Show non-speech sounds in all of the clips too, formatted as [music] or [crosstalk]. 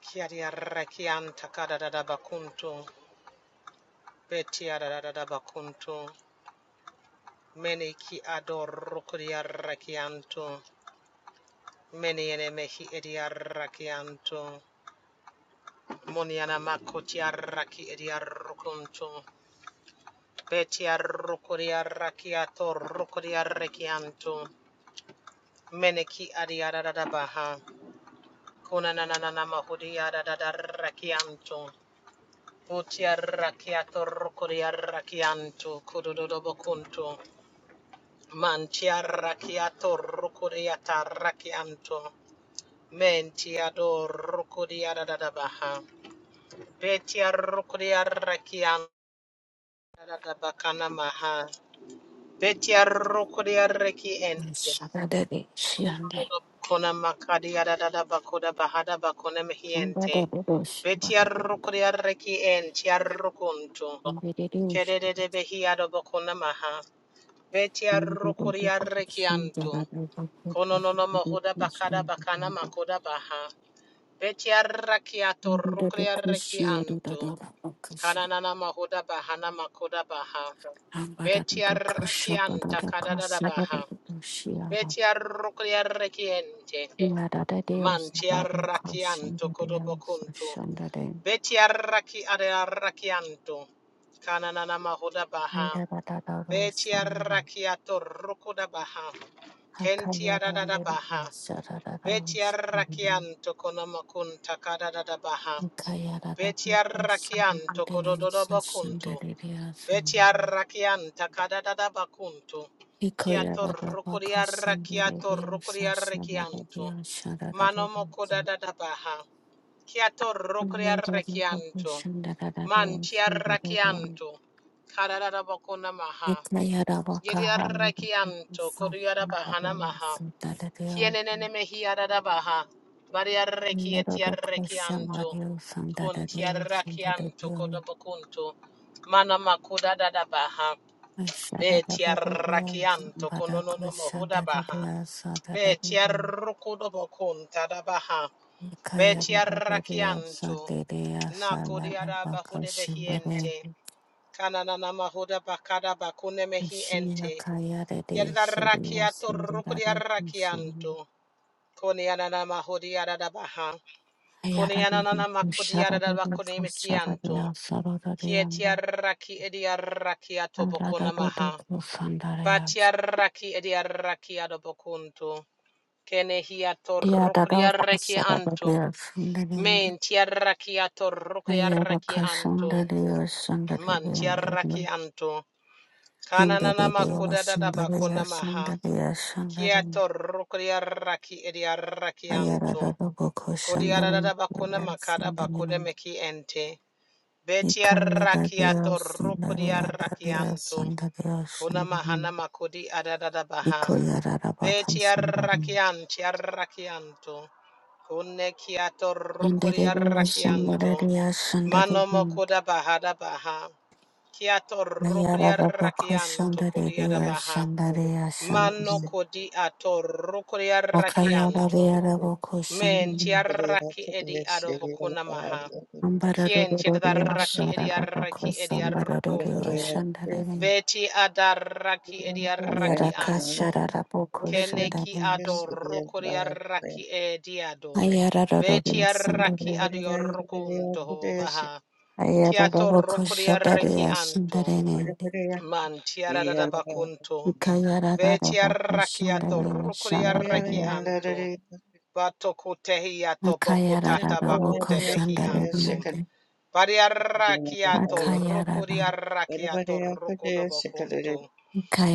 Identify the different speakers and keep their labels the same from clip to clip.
Speaker 1: Kiari arrakianta kadadada bakuntu. Beti adadada bakuntu. Meni ki ador rukuri arrakianto. Meni ene mehi edi arrakianto. Moniana makoti arraki edi arrukunto. Betia arrukuri arrakiato rukuri arrakianto. Meni ki adi adadada baha. Kunananana mahudi adadada arrakianto. Utiarrakiato rukuriarrakianto kudododobokunto. Mantiarrakiato rukuriatarrakianto. Mentiado rukuriaradabaha. Betiarrukuriarrakiantadabakanamaha. Betiarrukuriarrakiente.
Speaker 2: Shanda
Speaker 1: Kona makadiadadabakoda bahada bakona mehiente. Betiarrukuriarrakientiarrukunto. Kedede behiado bakonamaha. Betia rokoria arrekianto, Kono no no mohoda bakada bakana makoda baha. Betia rakiato rokoria arrekianto, Kananana mahoda bahana makoda baha. Beti rakianta kadada baha. Betia rokoria rekiente. Mantia rakianto kodobokunto. Betia raki area rakianto. Kananana mahoda baha. Betia rakiato rokoda baha. Kentia
Speaker 2: Hakaya
Speaker 1: da da da
Speaker 2: Rambari
Speaker 1: baha.
Speaker 2: Sharada
Speaker 1: Betia rakianto konomakunta kada da da baha.
Speaker 2: Kayarara
Speaker 1: Betia
Speaker 2: Bakasan
Speaker 1: rakianto kodododo
Speaker 2: Sasan
Speaker 1: bakunto.
Speaker 2: Daridia San
Speaker 1: Betia rakianta kada da da bakunto. Kiato
Speaker 2: Hikoyarara
Speaker 1: rukuria
Speaker 2: Bakasan
Speaker 1: rakiato
Speaker 2: Daridia
Speaker 1: rukuria
Speaker 2: Sasan
Speaker 1: rakianto.
Speaker 2: Daridia Shararara
Speaker 1: Mano moko da da da baha. Kiato rukuria
Speaker 2: Yarara
Speaker 1: rakianto.
Speaker 2: Bakusan Daridia
Speaker 1: Mantia
Speaker 2: San Daridia
Speaker 1: rakianto. Kada da da bakuna maha.
Speaker 2: Hikayara
Speaker 1: Yedia
Speaker 2: Bakahara
Speaker 1: rakianto
Speaker 2: Bakusan
Speaker 1: kodia da bahana
Speaker 2: Daridia
Speaker 1: maha.
Speaker 2: San Daridia
Speaker 1: Kienenene mehiaradabaha. Variarreki
Speaker 2: Yarara Bakusan
Speaker 1: etiarrekianto.
Speaker 2: Daridia San Daridia San
Speaker 1: Kuntiarrakianto
Speaker 2: Daridia
Speaker 1: kodobokunto. Mana makuda makudadabaha.
Speaker 2: Shararara Daridia San
Speaker 1: Betiarrakianto kononono
Speaker 2: Badakusan
Speaker 1: mohudabaha.
Speaker 2: Daridia San Daridia
Speaker 1: Betiarrukudobokuntadabaha.
Speaker 2: Kaya Madhya
Speaker 1: Betiarrakianto.
Speaker 2: Sandeya Salara Bakashindare
Speaker 1: Nakodiadabahudebehiente. Kananana
Speaker 2: Kashira
Speaker 1: mahudabakadabakunemehiente.
Speaker 2: Kaya Rede Siliva
Speaker 1: Yadidarrakiato
Speaker 2: Sundara Pusam
Speaker 1: rukodiarrakianto. Konianana mahodiara da baha.
Speaker 2: Ayara Bibi
Speaker 1: Konianana makodiara
Speaker 2: Pushara
Speaker 1: da
Speaker 2: Bibi
Speaker 1: bakoneme
Speaker 2: Kushara Dea
Speaker 1: kianto.
Speaker 2: Sarada Deamba
Speaker 1: Kietiaraki ediaraki atobokona
Speaker 2: Alada Dodo
Speaker 1: maha.
Speaker 2: Pusandare
Speaker 1: Batiaraki ediaraki adobokunto. Kenehiato
Speaker 2: Dia Dada
Speaker 1: rokodiaraki
Speaker 2: Kusara
Speaker 1: anto.
Speaker 2: Dea Sundarendi
Speaker 1: Men tiaraki ato
Speaker 2: Ayara
Speaker 1: rokodiaraki anto.
Speaker 2: Kashandare Sundare
Speaker 1: Man tiaraki
Speaker 2: Deandare
Speaker 1: anto. Kananana
Speaker 2: Handere Dea
Speaker 1: makodada da
Speaker 2: Sundare
Speaker 1: bakona maha.
Speaker 2: Sundare
Speaker 1: Kiato rokodiaraki ediaraki anto.
Speaker 2: Ayararaba boko
Speaker 1: Kodiarada
Speaker 2: shandari
Speaker 1: bakuna
Speaker 2: yara
Speaker 1: makada
Speaker 2: sandari
Speaker 1: bakune
Speaker 2: nanda.
Speaker 1: meki ente.
Speaker 2: Ika yarabira
Speaker 1: Betiarakiato
Speaker 2: sandari yarabira
Speaker 1: rukodiarakianto.
Speaker 2: sandari yara
Speaker 1: Kuna mahana
Speaker 2: sandari.
Speaker 1: makudi adadada
Speaker 2: Iko
Speaker 1: baha.
Speaker 2: yara kan sandari.
Speaker 1: Betiarakian tiarakianto. Kune kiato
Speaker 2: Andari yara
Speaker 1: rukodiarakianto.
Speaker 2: sandari yara
Speaker 1: Mano
Speaker 2: sandari.
Speaker 1: mokoda bahada baha. Kiato
Speaker 2: Ayararaba ko
Speaker 1: rukodiarakianto
Speaker 2: shandari
Speaker 1: kodiada
Speaker 2: yara
Speaker 1: baha.
Speaker 3: Everybody out
Speaker 2: sandari yara
Speaker 3: there,
Speaker 1: Mano
Speaker 2: sandari.
Speaker 3: sick
Speaker 1: kodi ato
Speaker 2: Akayara
Speaker 1: rukodiarakianto.
Speaker 2: yara boko
Speaker 1: Men
Speaker 2: shandari.
Speaker 1: tiaraki edi adobokuna maha.
Speaker 2: Ambara
Speaker 1: Kien
Speaker 2: rorori yara
Speaker 1: adaraki
Speaker 2: shararaba ko
Speaker 1: ediaraki
Speaker 2: sambara rorori yara
Speaker 1: ediarukuntu.
Speaker 2: sandari.
Speaker 1: Beti adaraki
Speaker 2: Ayara
Speaker 1: ediaraki anto.
Speaker 2: kashararaba ko
Speaker 1: Keneki
Speaker 2: shandari.
Speaker 1: adorokoriaraki ediado. Beti
Speaker 2: Ayararararara sandarana.
Speaker 1: araki adiorukunto baha.
Speaker 2: Ayararararara
Speaker 1: Kiatorokoriaraki
Speaker 2: kushandaraya
Speaker 1: anto.
Speaker 2: sandarene.
Speaker 1: Mantiaradabakunto. Beti
Speaker 2: Ikayararararara
Speaker 1: araki
Speaker 2: kushandaraya
Speaker 1: atorokoriaraki
Speaker 2: sandaraya.
Speaker 1: anto. Batokutehi atobokutata
Speaker 2: Akayararararara
Speaker 1: bakutebehi anto.
Speaker 2: kushandaraya.
Speaker 1: Variarrachiato
Speaker 2: Akayarara.
Speaker 1: rucuriarrachiato
Speaker 3: of it.
Speaker 1: rucodobocunto.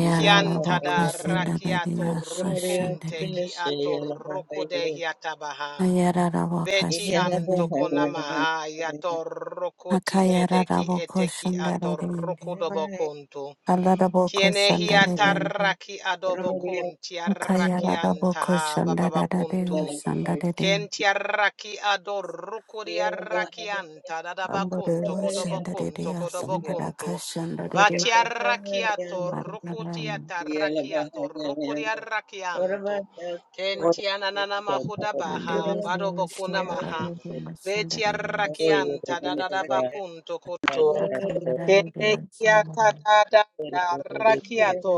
Speaker 3: You
Speaker 1: Chiantada
Speaker 3: know,
Speaker 1: rachiato
Speaker 2: kushandaraya
Speaker 3: Yeah.
Speaker 1: rucunte
Speaker 2: sandaraya.
Speaker 1: chiato rucode hiatabaha.
Speaker 2: Ayararararara
Speaker 1: Beti
Speaker 2: kushandaraya.
Speaker 1: antoconamaha iato rokoti edeki
Speaker 2: Akayararararara
Speaker 1: eteki ato
Speaker 2: kushandaraya.
Speaker 1: rucodobocunto.
Speaker 2: Alararararara
Speaker 1: Chiene
Speaker 2: kushandaraya.
Speaker 1: hiatarrachi adobocunti
Speaker 2: Akayararararara
Speaker 1: arrachiantaha
Speaker 2: kushandaraya
Speaker 1: bababacunto.
Speaker 2: sandaraya.
Speaker 1: Kenti Kentiaraki ador rukuri rukuriaraki anta dadabakunto
Speaker 2: Ambarero
Speaker 1: kodobokunto
Speaker 2: Shandaria
Speaker 1: kodobokunto.
Speaker 2: Sambaraka Shandaria
Speaker 1: Batiarakiato
Speaker 2: Marmaran
Speaker 1: rukutiata rakiato rukuriarakianto.
Speaker 4: Oye,
Speaker 1: Kentianana mahuda
Speaker 2: and there
Speaker 1: baha
Speaker 2: is the
Speaker 1: badobokuna maha.
Speaker 2: Shandaria Shandaria
Speaker 1: Betiarakianta dadadabakunto koto.
Speaker 2: Akalararia
Speaker 1: Kenekia ta
Speaker 2: Sambaran
Speaker 1: da da to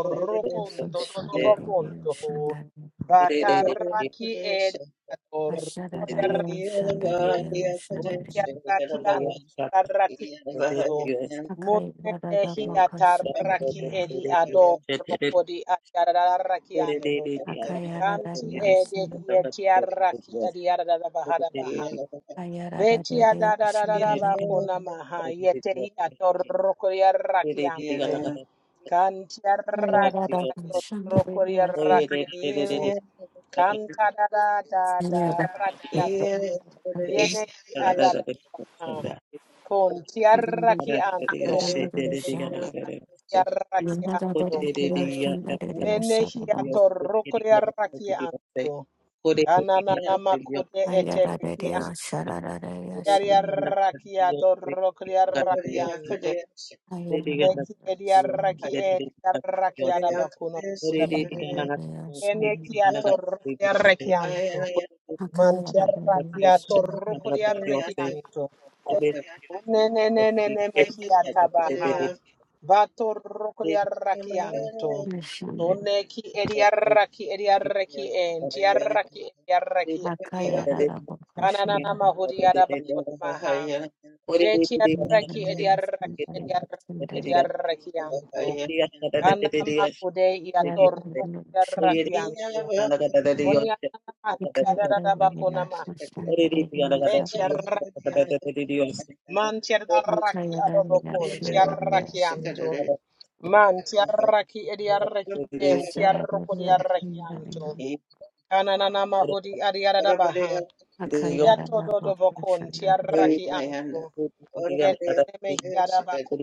Speaker 2: and so
Speaker 1: rukunto to to
Speaker 3: Yeah.
Speaker 2: Shandaria
Speaker 1: ho.
Speaker 2: Shandaria
Speaker 1: Bata raki e da to rukia
Speaker 2: Ashadaria
Speaker 1: rakio.
Speaker 2: Shandaria
Speaker 1: Rukia
Speaker 2: Shandaria
Speaker 1: rakian ta rakito. Mune
Speaker 2: Akairada Boka Shandaria
Speaker 1: e ado rokodi adiada rakianto. Kanti
Speaker 2: Akayaradaria
Speaker 1: e de hia
Speaker 2: Shandaria
Speaker 1: tia raki adiada bahada baha. Betia
Speaker 2: Ayaradaria
Speaker 1: da da da da da ba kona
Speaker 2: Shandaria
Speaker 1: maha yete hi atoroko ya rakianto. Kantia rakia
Speaker 2: Ayaradaria
Speaker 1: toroko ya
Speaker 2: Shandaria
Speaker 1: rakianto. Kanta da da da da rakiato.
Speaker 2: Shandaria
Speaker 1: Yene hi ada da da ba. Kontia
Speaker 2: Akayara
Speaker 1: rakianto. Ya rakianto. Mene hi atoroko ya rakianto. Ananana makude etebeki Yariaraki adorokriarakianto. Uneki ediaraki ediaraki adabakuno kudaba. Eneki atorokriarakianto. Mantiaraki atorokriarakianto. Unenenenene mehi atabaha. Batorokriarakianto. Uneki ediaraki ediaraki entiaraki ediaraki. Ananana mahuri adabakuno maha. Betiaraki Ediaraki Ediarakianto. Anamakude Iatorokarakianto.
Speaker 3: Yeah.
Speaker 1: Onianamahabakonama.
Speaker 3: Shikada,
Speaker 1: Betiaraki. Mantiaraki Adobokon. Tiarakianto. Mantiaraki Ediaraki and
Speaker 2: Asarabia
Speaker 1: Tiarokodiarakianto.
Speaker 2: Sundarin,
Speaker 1: Ananamahudi Adiarabaha.
Speaker 2: Akaira Baba
Speaker 1: Yatodobokon.
Speaker 2: Kushandarin,
Speaker 1: Tiaraki
Speaker 4: Thank
Speaker 1: Anto. Kenemehiadabakon.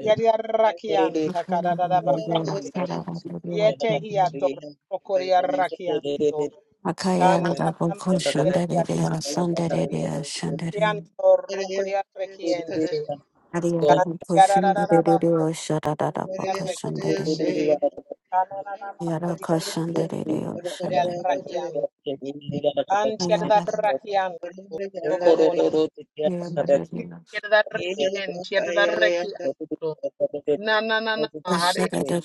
Speaker 1: Yadiarrakianta
Speaker 2: Akaya Baba
Speaker 1: kadadadabakuntu.
Speaker 2: Sarabia
Speaker 1: Yete
Speaker 2: Sundarin,
Speaker 1: hiator okoriarrakianto.
Speaker 2: Akaya
Speaker 1: Kanta
Speaker 2: Baba
Speaker 1: namakude yatu.
Speaker 2: Kushandaria Sandaria Shandarin,
Speaker 1: Yanto
Speaker 3: shikada,
Speaker 1: rukodiarrakiente.
Speaker 2: Ariada
Speaker 1: Kadiaradabakuntu.
Speaker 2: Kushandaria Shadada
Speaker 3: shikada,
Speaker 2: Bakashandarin,
Speaker 3: shikada. Yeah.
Speaker 2: yara
Speaker 1: Kanananamakudi. Yadiarrakianto. Antiadarrakianto. Tobokona.
Speaker 2: Ayara
Speaker 1: Yadiarrakiente. Yadiarrakianto. Nananana.
Speaker 4: you. Thank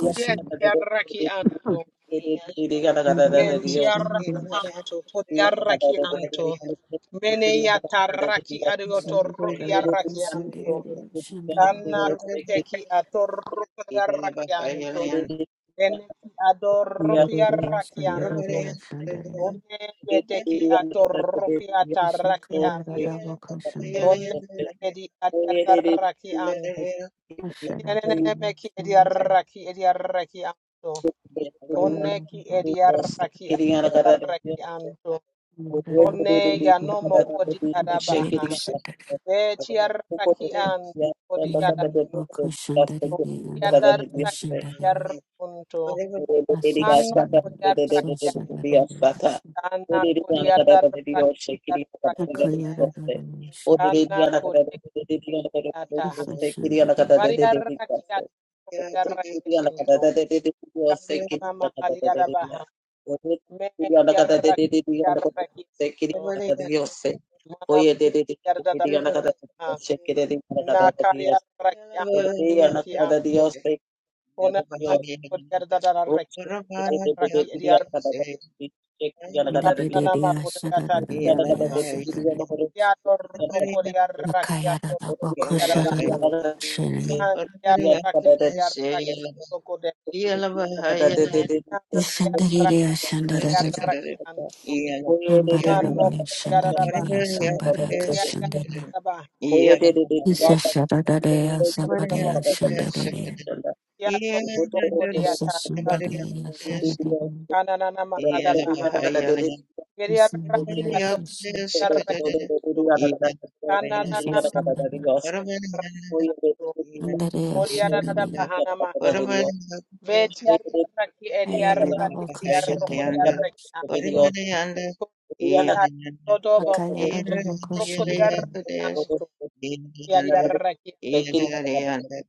Speaker 1: Hariarrakianto. Men tiaraki anto, kotiaraki anto. Mene yataraki adioto rukiaraki anto. Kana kuteki atorukiaraki anto. Eneki
Speaker 2: Shandaririya,
Speaker 1: adorukiaraki anto.
Speaker 2: shandaririya, shandaririya.
Speaker 1: One yedeki atorukiataraki
Speaker 2: Ashankaraya
Speaker 1: anto.
Speaker 2: radavaka
Speaker 1: One
Speaker 2: shandaririya.
Speaker 1: edi adaraki anto. Tienene
Speaker 2: Asharadariya,
Speaker 1: meki edi
Speaker 3: Thank
Speaker 2: shandaririya,
Speaker 1: Tianenemeki ediaraki ediaraki anto. Koneki
Speaker 2: hanyaradavaka.
Speaker 1: ediaraki ediaraki anto. Rone
Speaker 2: Radavaka
Speaker 1: ya no mo kodi
Speaker 2: shandaririya.
Speaker 1: adabaha. Ve tiaraki an kodi adabaha.
Speaker 2: Yirivaka shandaririya, radavaka
Speaker 1: Tiaraki
Speaker 2: shandaririya.
Speaker 1: yarkunto.
Speaker 4: Dios,
Speaker 1: Mano kodi
Speaker 2: Asashandaririya,
Speaker 1: araki anto.
Speaker 2: asashandaririya.
Speaker 1: Ana kodi araki yarkunto.
Speaker 2: Akaya radavaka
Speaker 1: Ana
Speaker 2: shandaririya.
Speaker 1: kodi ataha. Vari
Speaker 2: Isashandaririya.
Speaker 1: araki anto. Kodi araki anto. Ana mahari adabaha. Me tiaraki yaraki anto. Mana yarda dabakuna. Na kari Raki anto. Kona nama kodi yada da da reki. Raki edi
Speaker 3: you.
Speaker 1: yada
Speaker 3: Yeah.
Speaker 1: nama
Speaker 2: Dadadadiya,
Speaker 1: kodi yada
Speaker 2: shandaririya,
Speaker 1: baha.
Speaker 2: shandaririya.
Speaker 1: Yada roko di raki yada
Speaker 2: Makayarada
Speaker 1: roko di yada
Speaker 2: bakosharada shirin.
Speaker 1: Man yada raki yada raki toko de. Yada raki
Speaker 2: Shandaririya
Speaker 1: yada
Speaker 2: shandarada.
Speaker 1: raki anto. Man no
Speaker 2: Ambararabaya
Speaker 1: yada da baha.
Speaker 2: shandaririya sambaraka
Speaker 1: Yada
Speaker 2: shandarada.
Speaker 1: da baha.
Speaker 2: Isa
Speaker 1: Yada
Speaker 2: sharadareya
Speaker 1: da baha.
Speaker 2: sabareya shandaririya.
Speaker 1: Yada roko di
Speaker 2: Asa
Speaker 1: raki.
Speaker 2: shandaririya
Speaker 4: Oye,
Speaker 2: sarararada.
Speaker 1: Anana nama
Speaker 4: Dios,
Speaker 1: ada baha. Yada raki
Speaker 2: Isandariya
Speaker 1: ato
Speaker 2: susu.
Speaker 1: yada raki. Kananana
Speaker 2: Isa shandaririya.
Speaker 1: makiaranto.
Speaker 3: Even even
Speaker 2: Andariya
Speaker 3: even even
Speaker 1: Koriarara
Speaker 3: even the
Speaker 2: shandaririya.
Speaker 1: bahana maha. Betiaraki
Speaker 2: Ayarada
Speaker 1: eriaraki
Speaker 3: under
Speaker 2: bakoshandaririya.
Speaker 1: eriarokoriaraki
Speaker 3: whatever
Speaker 1: anto.
Speaker 3: the under even under
Speaker 1: Kodobo
Speaker 2: Makayarada
Speaker 1: kunto.
Speaker 3: even the yellow
Speaker 2: bakoshandaririya.
Speaker 3: could
Speaker 1: Rokoriaraki
Speaker 3: is
Speaker 1: anto.
Speaker 3: even under
Speaker 1: Yariaraki anto.
Speaker 3: under under, under, under, under,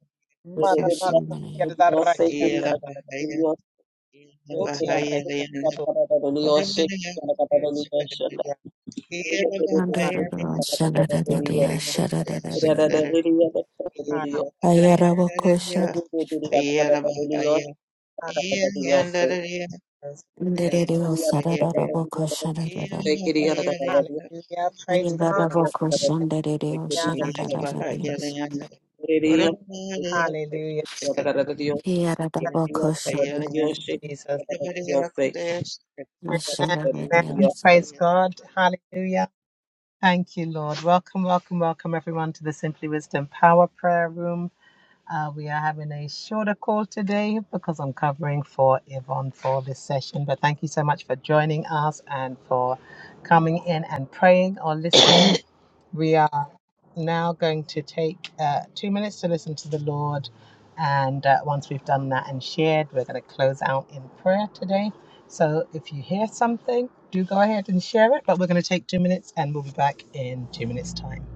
Speaker 2: Asa
Speaker 1: Mana
Speaker 2: shandaririya.
Speaker 1: makuriaraki anto. Betiaraki anto.
Speaker 3: whatever whatever
Speaker 1: Ya,
Speaker 2: Amen.
Speaker 4: Dios,
Speaker 2: I
Speaker 1: Hallelujah.
Speaker 2: heard,
Speaker 3: whatever whatever could Yeah. Good morning,
Speaker 1: Hallelujah. Hallelujah. Hallelujah. Praise God. Hallelujah. Hallelujah. Thank you, Jesus. Amen. Amen. Praise God. Hallelujah. Thank you, Lord. Welcome, welcome, welcome, everyone, to the Simply Wisdom Power Prayer Room. Uh, we are having a shorter call today because I'm covering for Yvonne for this session. But thank you so much for joining us and for coming in and praying or listening. We are now going to take uh, two minutes to listen to the Lord. And uh, once we've done that and shared, we're going to close out in prayer today. So if you hear something, do go ahead and share it. But we're going to take two minutes and we'll be back in two minutes' time.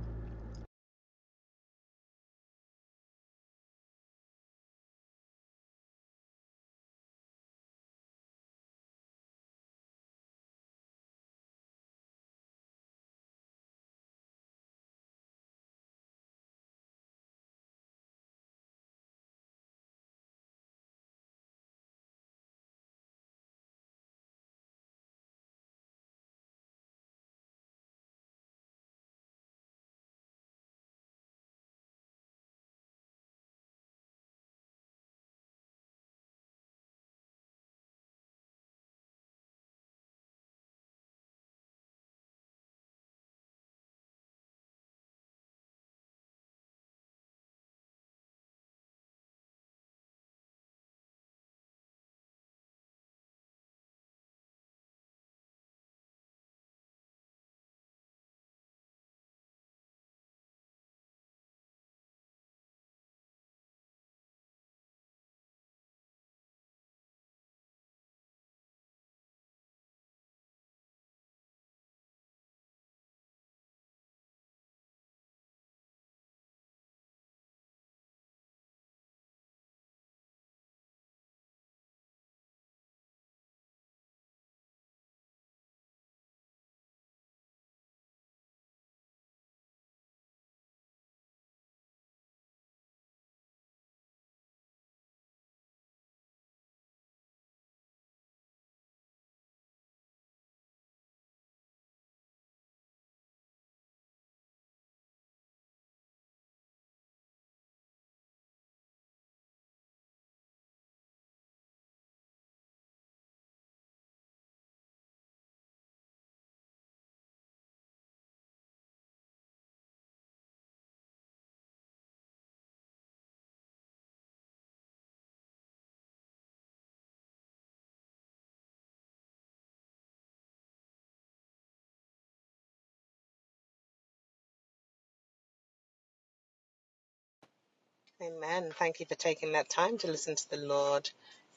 Speaker 1: Amen. Thank you for taking that time to listen to the Lord.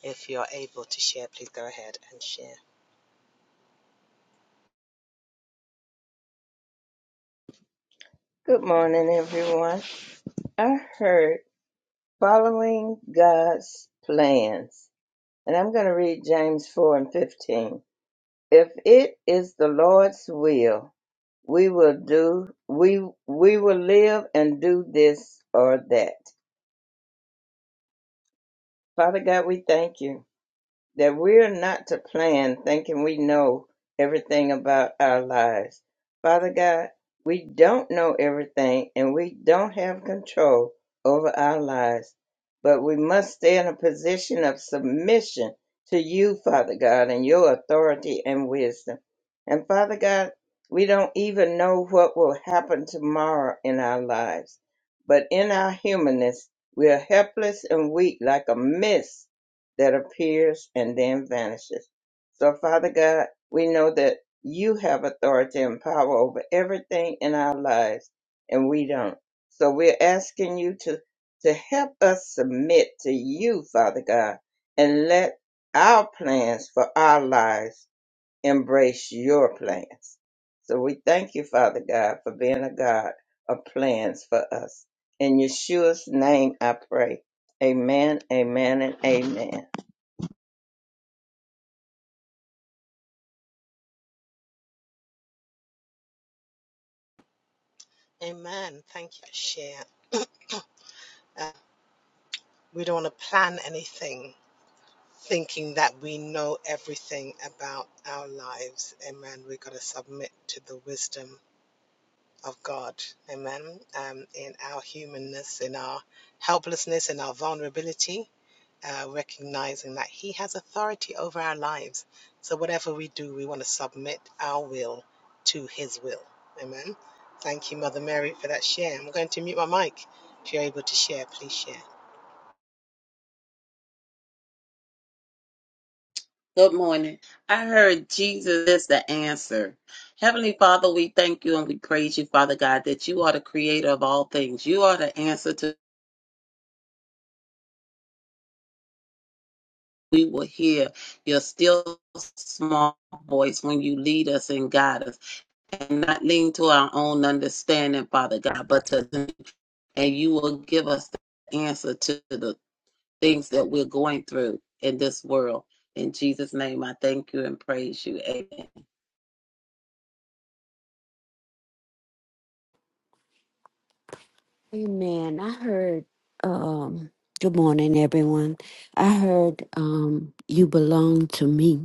Speaker 1: If you're able to share, please go ahead and share.
Speaker 3: everyone. I heard following God's plans, and I'm going to read James 4 and 15. If it is the Lord's will, We will do we we will live and do this or that. Father God, we thank you. that we're not to plan thinking we know everything about our lives. Father God, we don't know everything and we don't have control over our lives, but we must stay in a position of submission to you, Father God, and your authority and wisdom. And Father God, we don't even know what will happen tomorrow in our lives, but in our humanness, we are helpless and weak like a mist that appears and then vanishes. So, Father God, we know that you have authority and power over everything in our lives, and we don't. So, we're asking you to, to help us submit to you, Father God, and let our plans for our lives embrace your plans. So, we thank you, Father God, for being a God of plans for us. In Yeshua's name, I pray. Amen, amen, and amen.
Speaker 1: Amen. Thank you for share. Uh, we don't want to plan anything thinking that we know everything about our lives. Amen. We've got to submit to the wisdom of God. Amen. Um, in our humanness, in our helplessness, in our vulnerability, uh, recognizing that He has authority over our lives. So whatever we do, we want to submit our will to His will. Amen. Thank you, Mother Mary, for that share. I'm going to mute my mic. If you're able to share, please share.
Speaker 4: Good morning. I heard Jesus is the answer. Heavenly Father, we thank you and we praise you, Father God, that you are the creator of all things. You are the answer to we will hear your still small voice when you lead us and guide us and not lean to our own understanding, Father God, but to and you will give us the answer to the things that we're going through in this world. In Jesus' name, I thank you and praise you. Amen.
Speaker 2: um, good morning, everyone. I heard, um, you belong to me.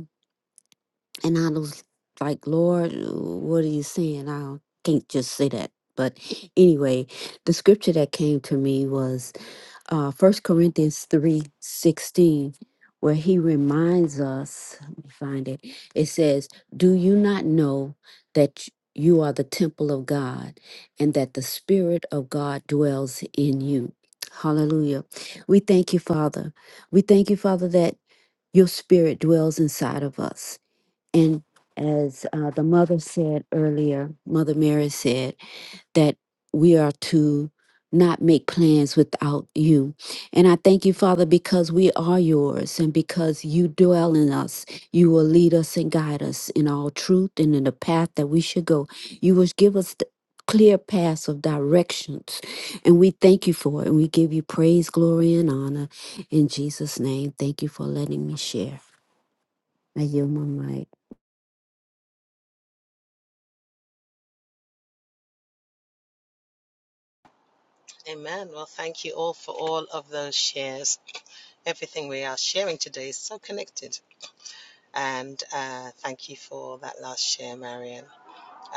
Speaker 2: And I was like, Lord, what are you saying? I can't just say that. But anyway, the scripture that came to me was uh, 1 Corinthians three sixteen, where he reminds us, let me find it, it says, Do you not know that you are the temple of God and that the Spirit of God dwells in you? Hallelujah. We thank you, Father. We thank you, Father, that your Spirit dwells inside of us and as uh, the mother said earlier, Mother Mary said that we are to not make plans without you. And I thank you, Father, because we are yours and because you dwell in us. You will lead us and guide us in all truth and in the path that we should go. You will give us the clear paths of directions. And we thank you for it. And we give you praise, glory, and honor. In Jesus' name, thank you for letting me share. I yield my mic.
Speaker 1: Amen. Well, thank you all for all of those shares. Everything we are sharing today is so connected. And uh, thank you for that last share, Marian.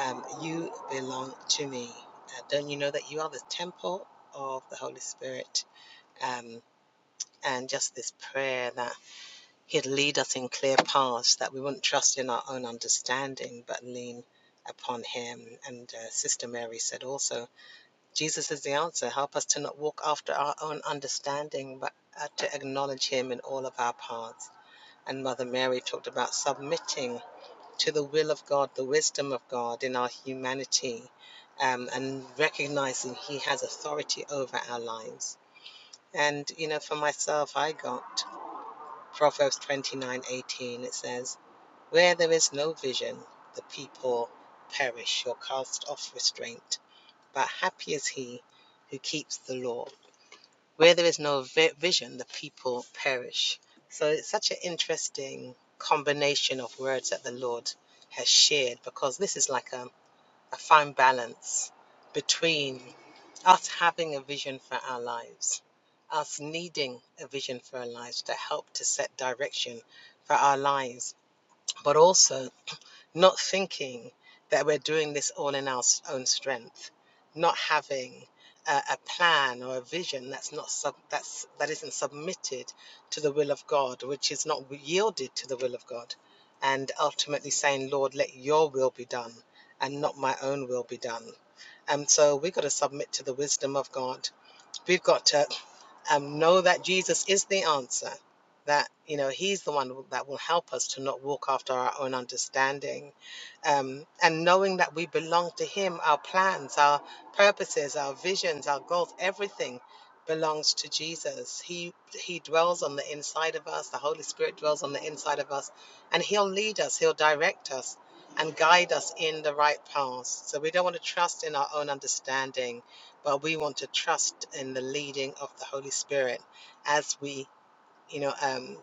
Speaker 1: Um, you belong to me. Uh, don't you know that you are the temple of the Holy Spirit? Um, and just this prayer that He'd lead us in clear paths, that we wouldn't trust in our own understanding, but lean upon Him. And uh, Sister Mary said also, Jesus is the answer. Help us to not walk after our own understanding, but uh, to acknowledge Him in all of our paths And Mother Mary talked about submitting to the will of God, the wisdom of God in our humanity, um, and recognizing He has authority over our lives. And, you know, for myself, I got Proverbs twenty-nine eighteen. It says, Where there is no vision, the people perish or cast off restraint. But happy is he who keeps the law where there is no vi- vision, the people perish. So it's such an interesting combination of words that the Lord has shared because this is like a, a fine balance between us having a vision for our lives, us needing a vision for our lives to help to set direction for our lives, but also not thinking that we're doing this all in our own strength, not having a, a plan or a vision that's not sub, that's that isn't submitted to the will of God, which is not yielded to the will of God, and ultimately saying, Lord, let Your will be done, and not my own will be done. And so we've got to submit to the wisdom of God. We've got to um, know that Jesus is the answer, that, you know, He's the one that will help us to not walk after our own understanding. Um, and knowing that we belong to Him, our plans, our purposes, our visions, our goals, everything belongs to Jesus. He he dwells on the inside of us. The Holy Spirit dwells on the inside of us and he'll lead us, he'll direct us and guide us in the right path. So we don't want to trust in our own understanding but we want to trust in the leading of the Holy Spirit as we, you know, um,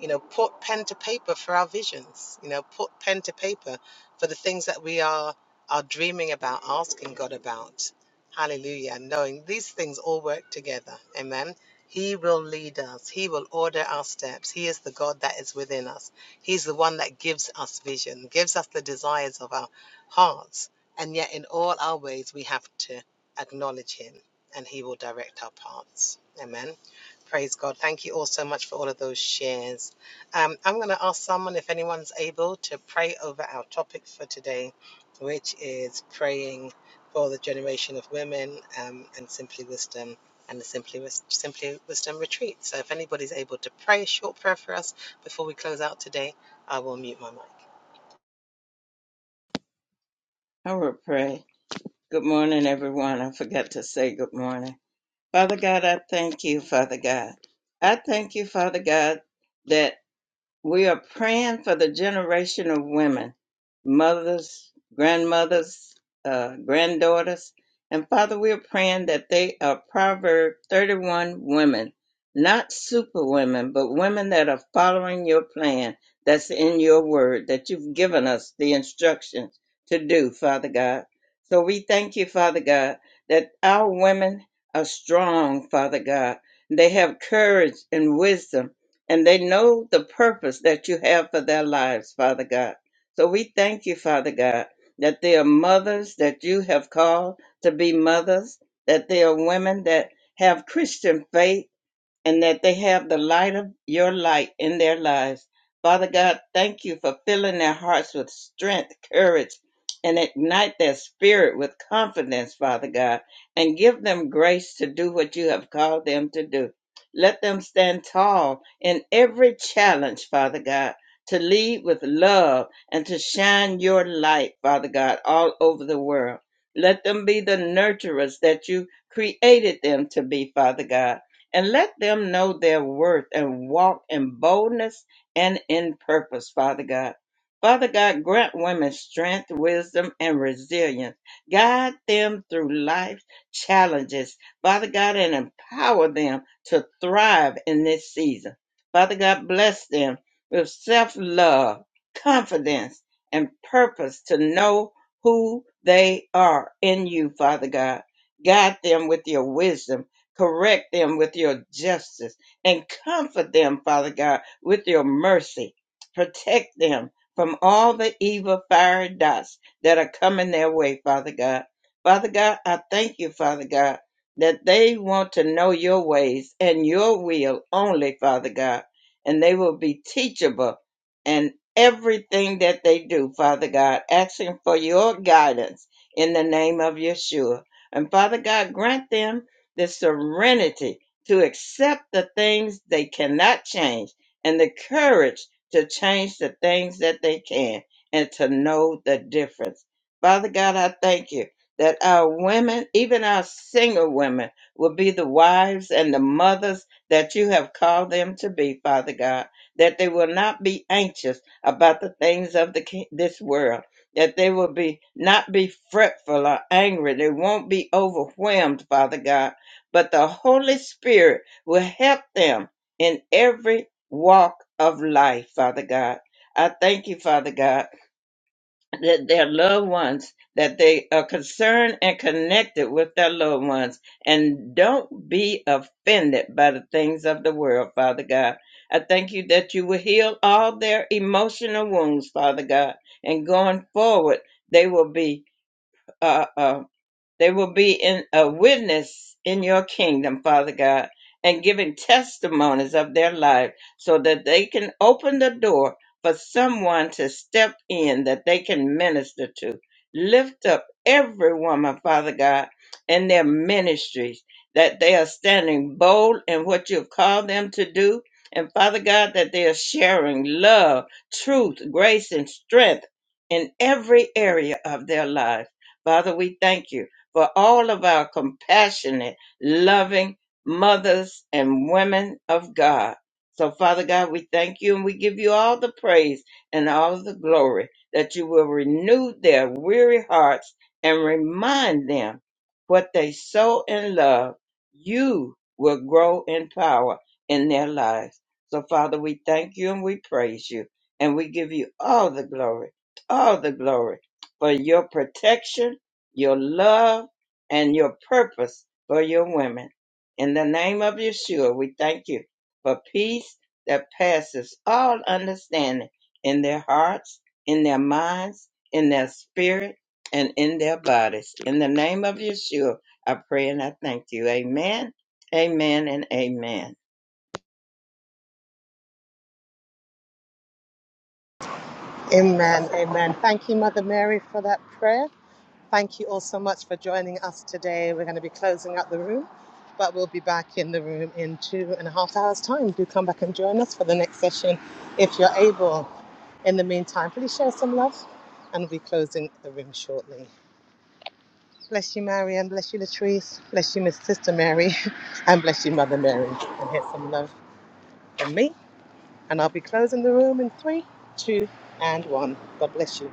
Speaker 1: you know, put pen to paper for our visions, you know, put pen to paper for the things that we are are dreaming about, asking God about. Hallelujah. Knowing these things all work together. Amen. He will lead us. He will order our steps. He is the God that is within us. He's the one that gives us vision, gives us the desires of our hearts. And yet, in all our ways, we have to acknowledge Him and He will direct our paths. Amen. Praise God. Thank you all so much for all of those shares. Um, I'm going to ask someone if anyone's able to pray over our topic for today, which is praying for the generation of women um, and simply wisdom and the simply Wis- simply wisdom retreat. So if anybody's able to pray a short prayer for us before we close out today, I will mute my mic.
Speaker 3: I will pray. Good morning, everyone. I forgot to say good morning. Father God, I thank you, Father God. I thank you, Father God, that. We are praying for the generation of women, mothers, grandmothers, uh, granddaughters. And Father, we are praying that they are Proverb 31 women, not super women, but women that are following your plan that's in your word, that you've given us the instructions to do, Father God. So we thank you, Father God, that our women are strong, Father God. They have courage and wisdom and they know the purpose that you have for their lives, Father God. So we thank you, Father God, that they are mothers that you have called to be mothers, that they are women that have Christian faith and that they have the light of your light in their lives. Father God, thank you for filling their hearts with strength, courage, and ignite their spirit with confidence, Father God, and give them grace to do what you have called them to do. Let them stand tall in every challenge, Father God, to lead with love and to shine your light, Father God, all over the world. Let them be the nurturers that you created them to be, Father God and let them know their worth and walk in boldness and in purpose, Father God. Father God, grant women strength, wisdom, and resilience. Guide them through life's challenges, Father God, and empower them to thrive in this season. Father God, bless them with self love, confidence, and purpose to know who they are in you, Father God. Guide them with your wisdom Correct them with your justice and comfort them, Father God, with your mercy. Protect them from all the evil fiery dots that are coming their way, Father God. Father God, I thank you, Father God, that they want to know your ways and your will only, Father God, and they will be teachable in everything that they do, Father God, asking for your guidance in the name of Yeshua. And Father God, grant them the serenity to accept the things they cannot change and the courage to change the things that they can and to know the difference. Father God, I thank you that our women, even our single women, will be the wives and the mothers that you have called them to be, Father God, that they will not be anxious about the things of the, ki- this world that they will be not be fretful or angry. They won't be overwhelmed, Father God, but the Holy Spirit will help them in every walk of life, Father God. I thank you, Father God, that their loved ones, that they are concerned and connected with their loved ones and don't be offended by the things of the world, Father God. I thank you that you will heal all their emotional wounds, Father God, and going forward, they will be uh, uh, they will be in a witness in your kingdom, Father God, and giving testimonies of their life so that they can open the door for someone to step in that they can minister to. Lift up every woman, Father God, in their ministries, that they are standing bold in what you've called them to do. And Father God, that they are sharing love, truth, grace, and strength in every area of their life. Father, we thank you for all of our compassionate, loving mothers and women of God. So, Father God, we thank you and we give you all the praise and all the glory that you will renew their weary hearts and remind them what they sow in love, you will grow in power in their lives. So, Father, we thank you and we praise you and we give you all the glory, all the glory for your protection your love and your purpose for your women. In the name of Yeshua, we thank you for peace that passes all understanding in their hearts, in their minds, in their spirit, and in their bodies. In the name of Yeshua, I pray and I thank you. Amen, amen, and amen.
Speaker 1: Amen. Amen. Thank you, Mother Mary, for that prayer. Thank you all so much for joining us today. We're going to be closing up the room, but we'll be back in the room in two and a half hours' time. Do come back and join us for the next session if you're able. In the meantime, please share some love, and we'll be closing the room shortly. Bless you, Marian. Bless you, Latrice. Bless you, Miss Sister Mary. [laughs] And bless you, Mother Mary. And here's some love from me. And I'll be closing the room in three, two, and one. God bless you.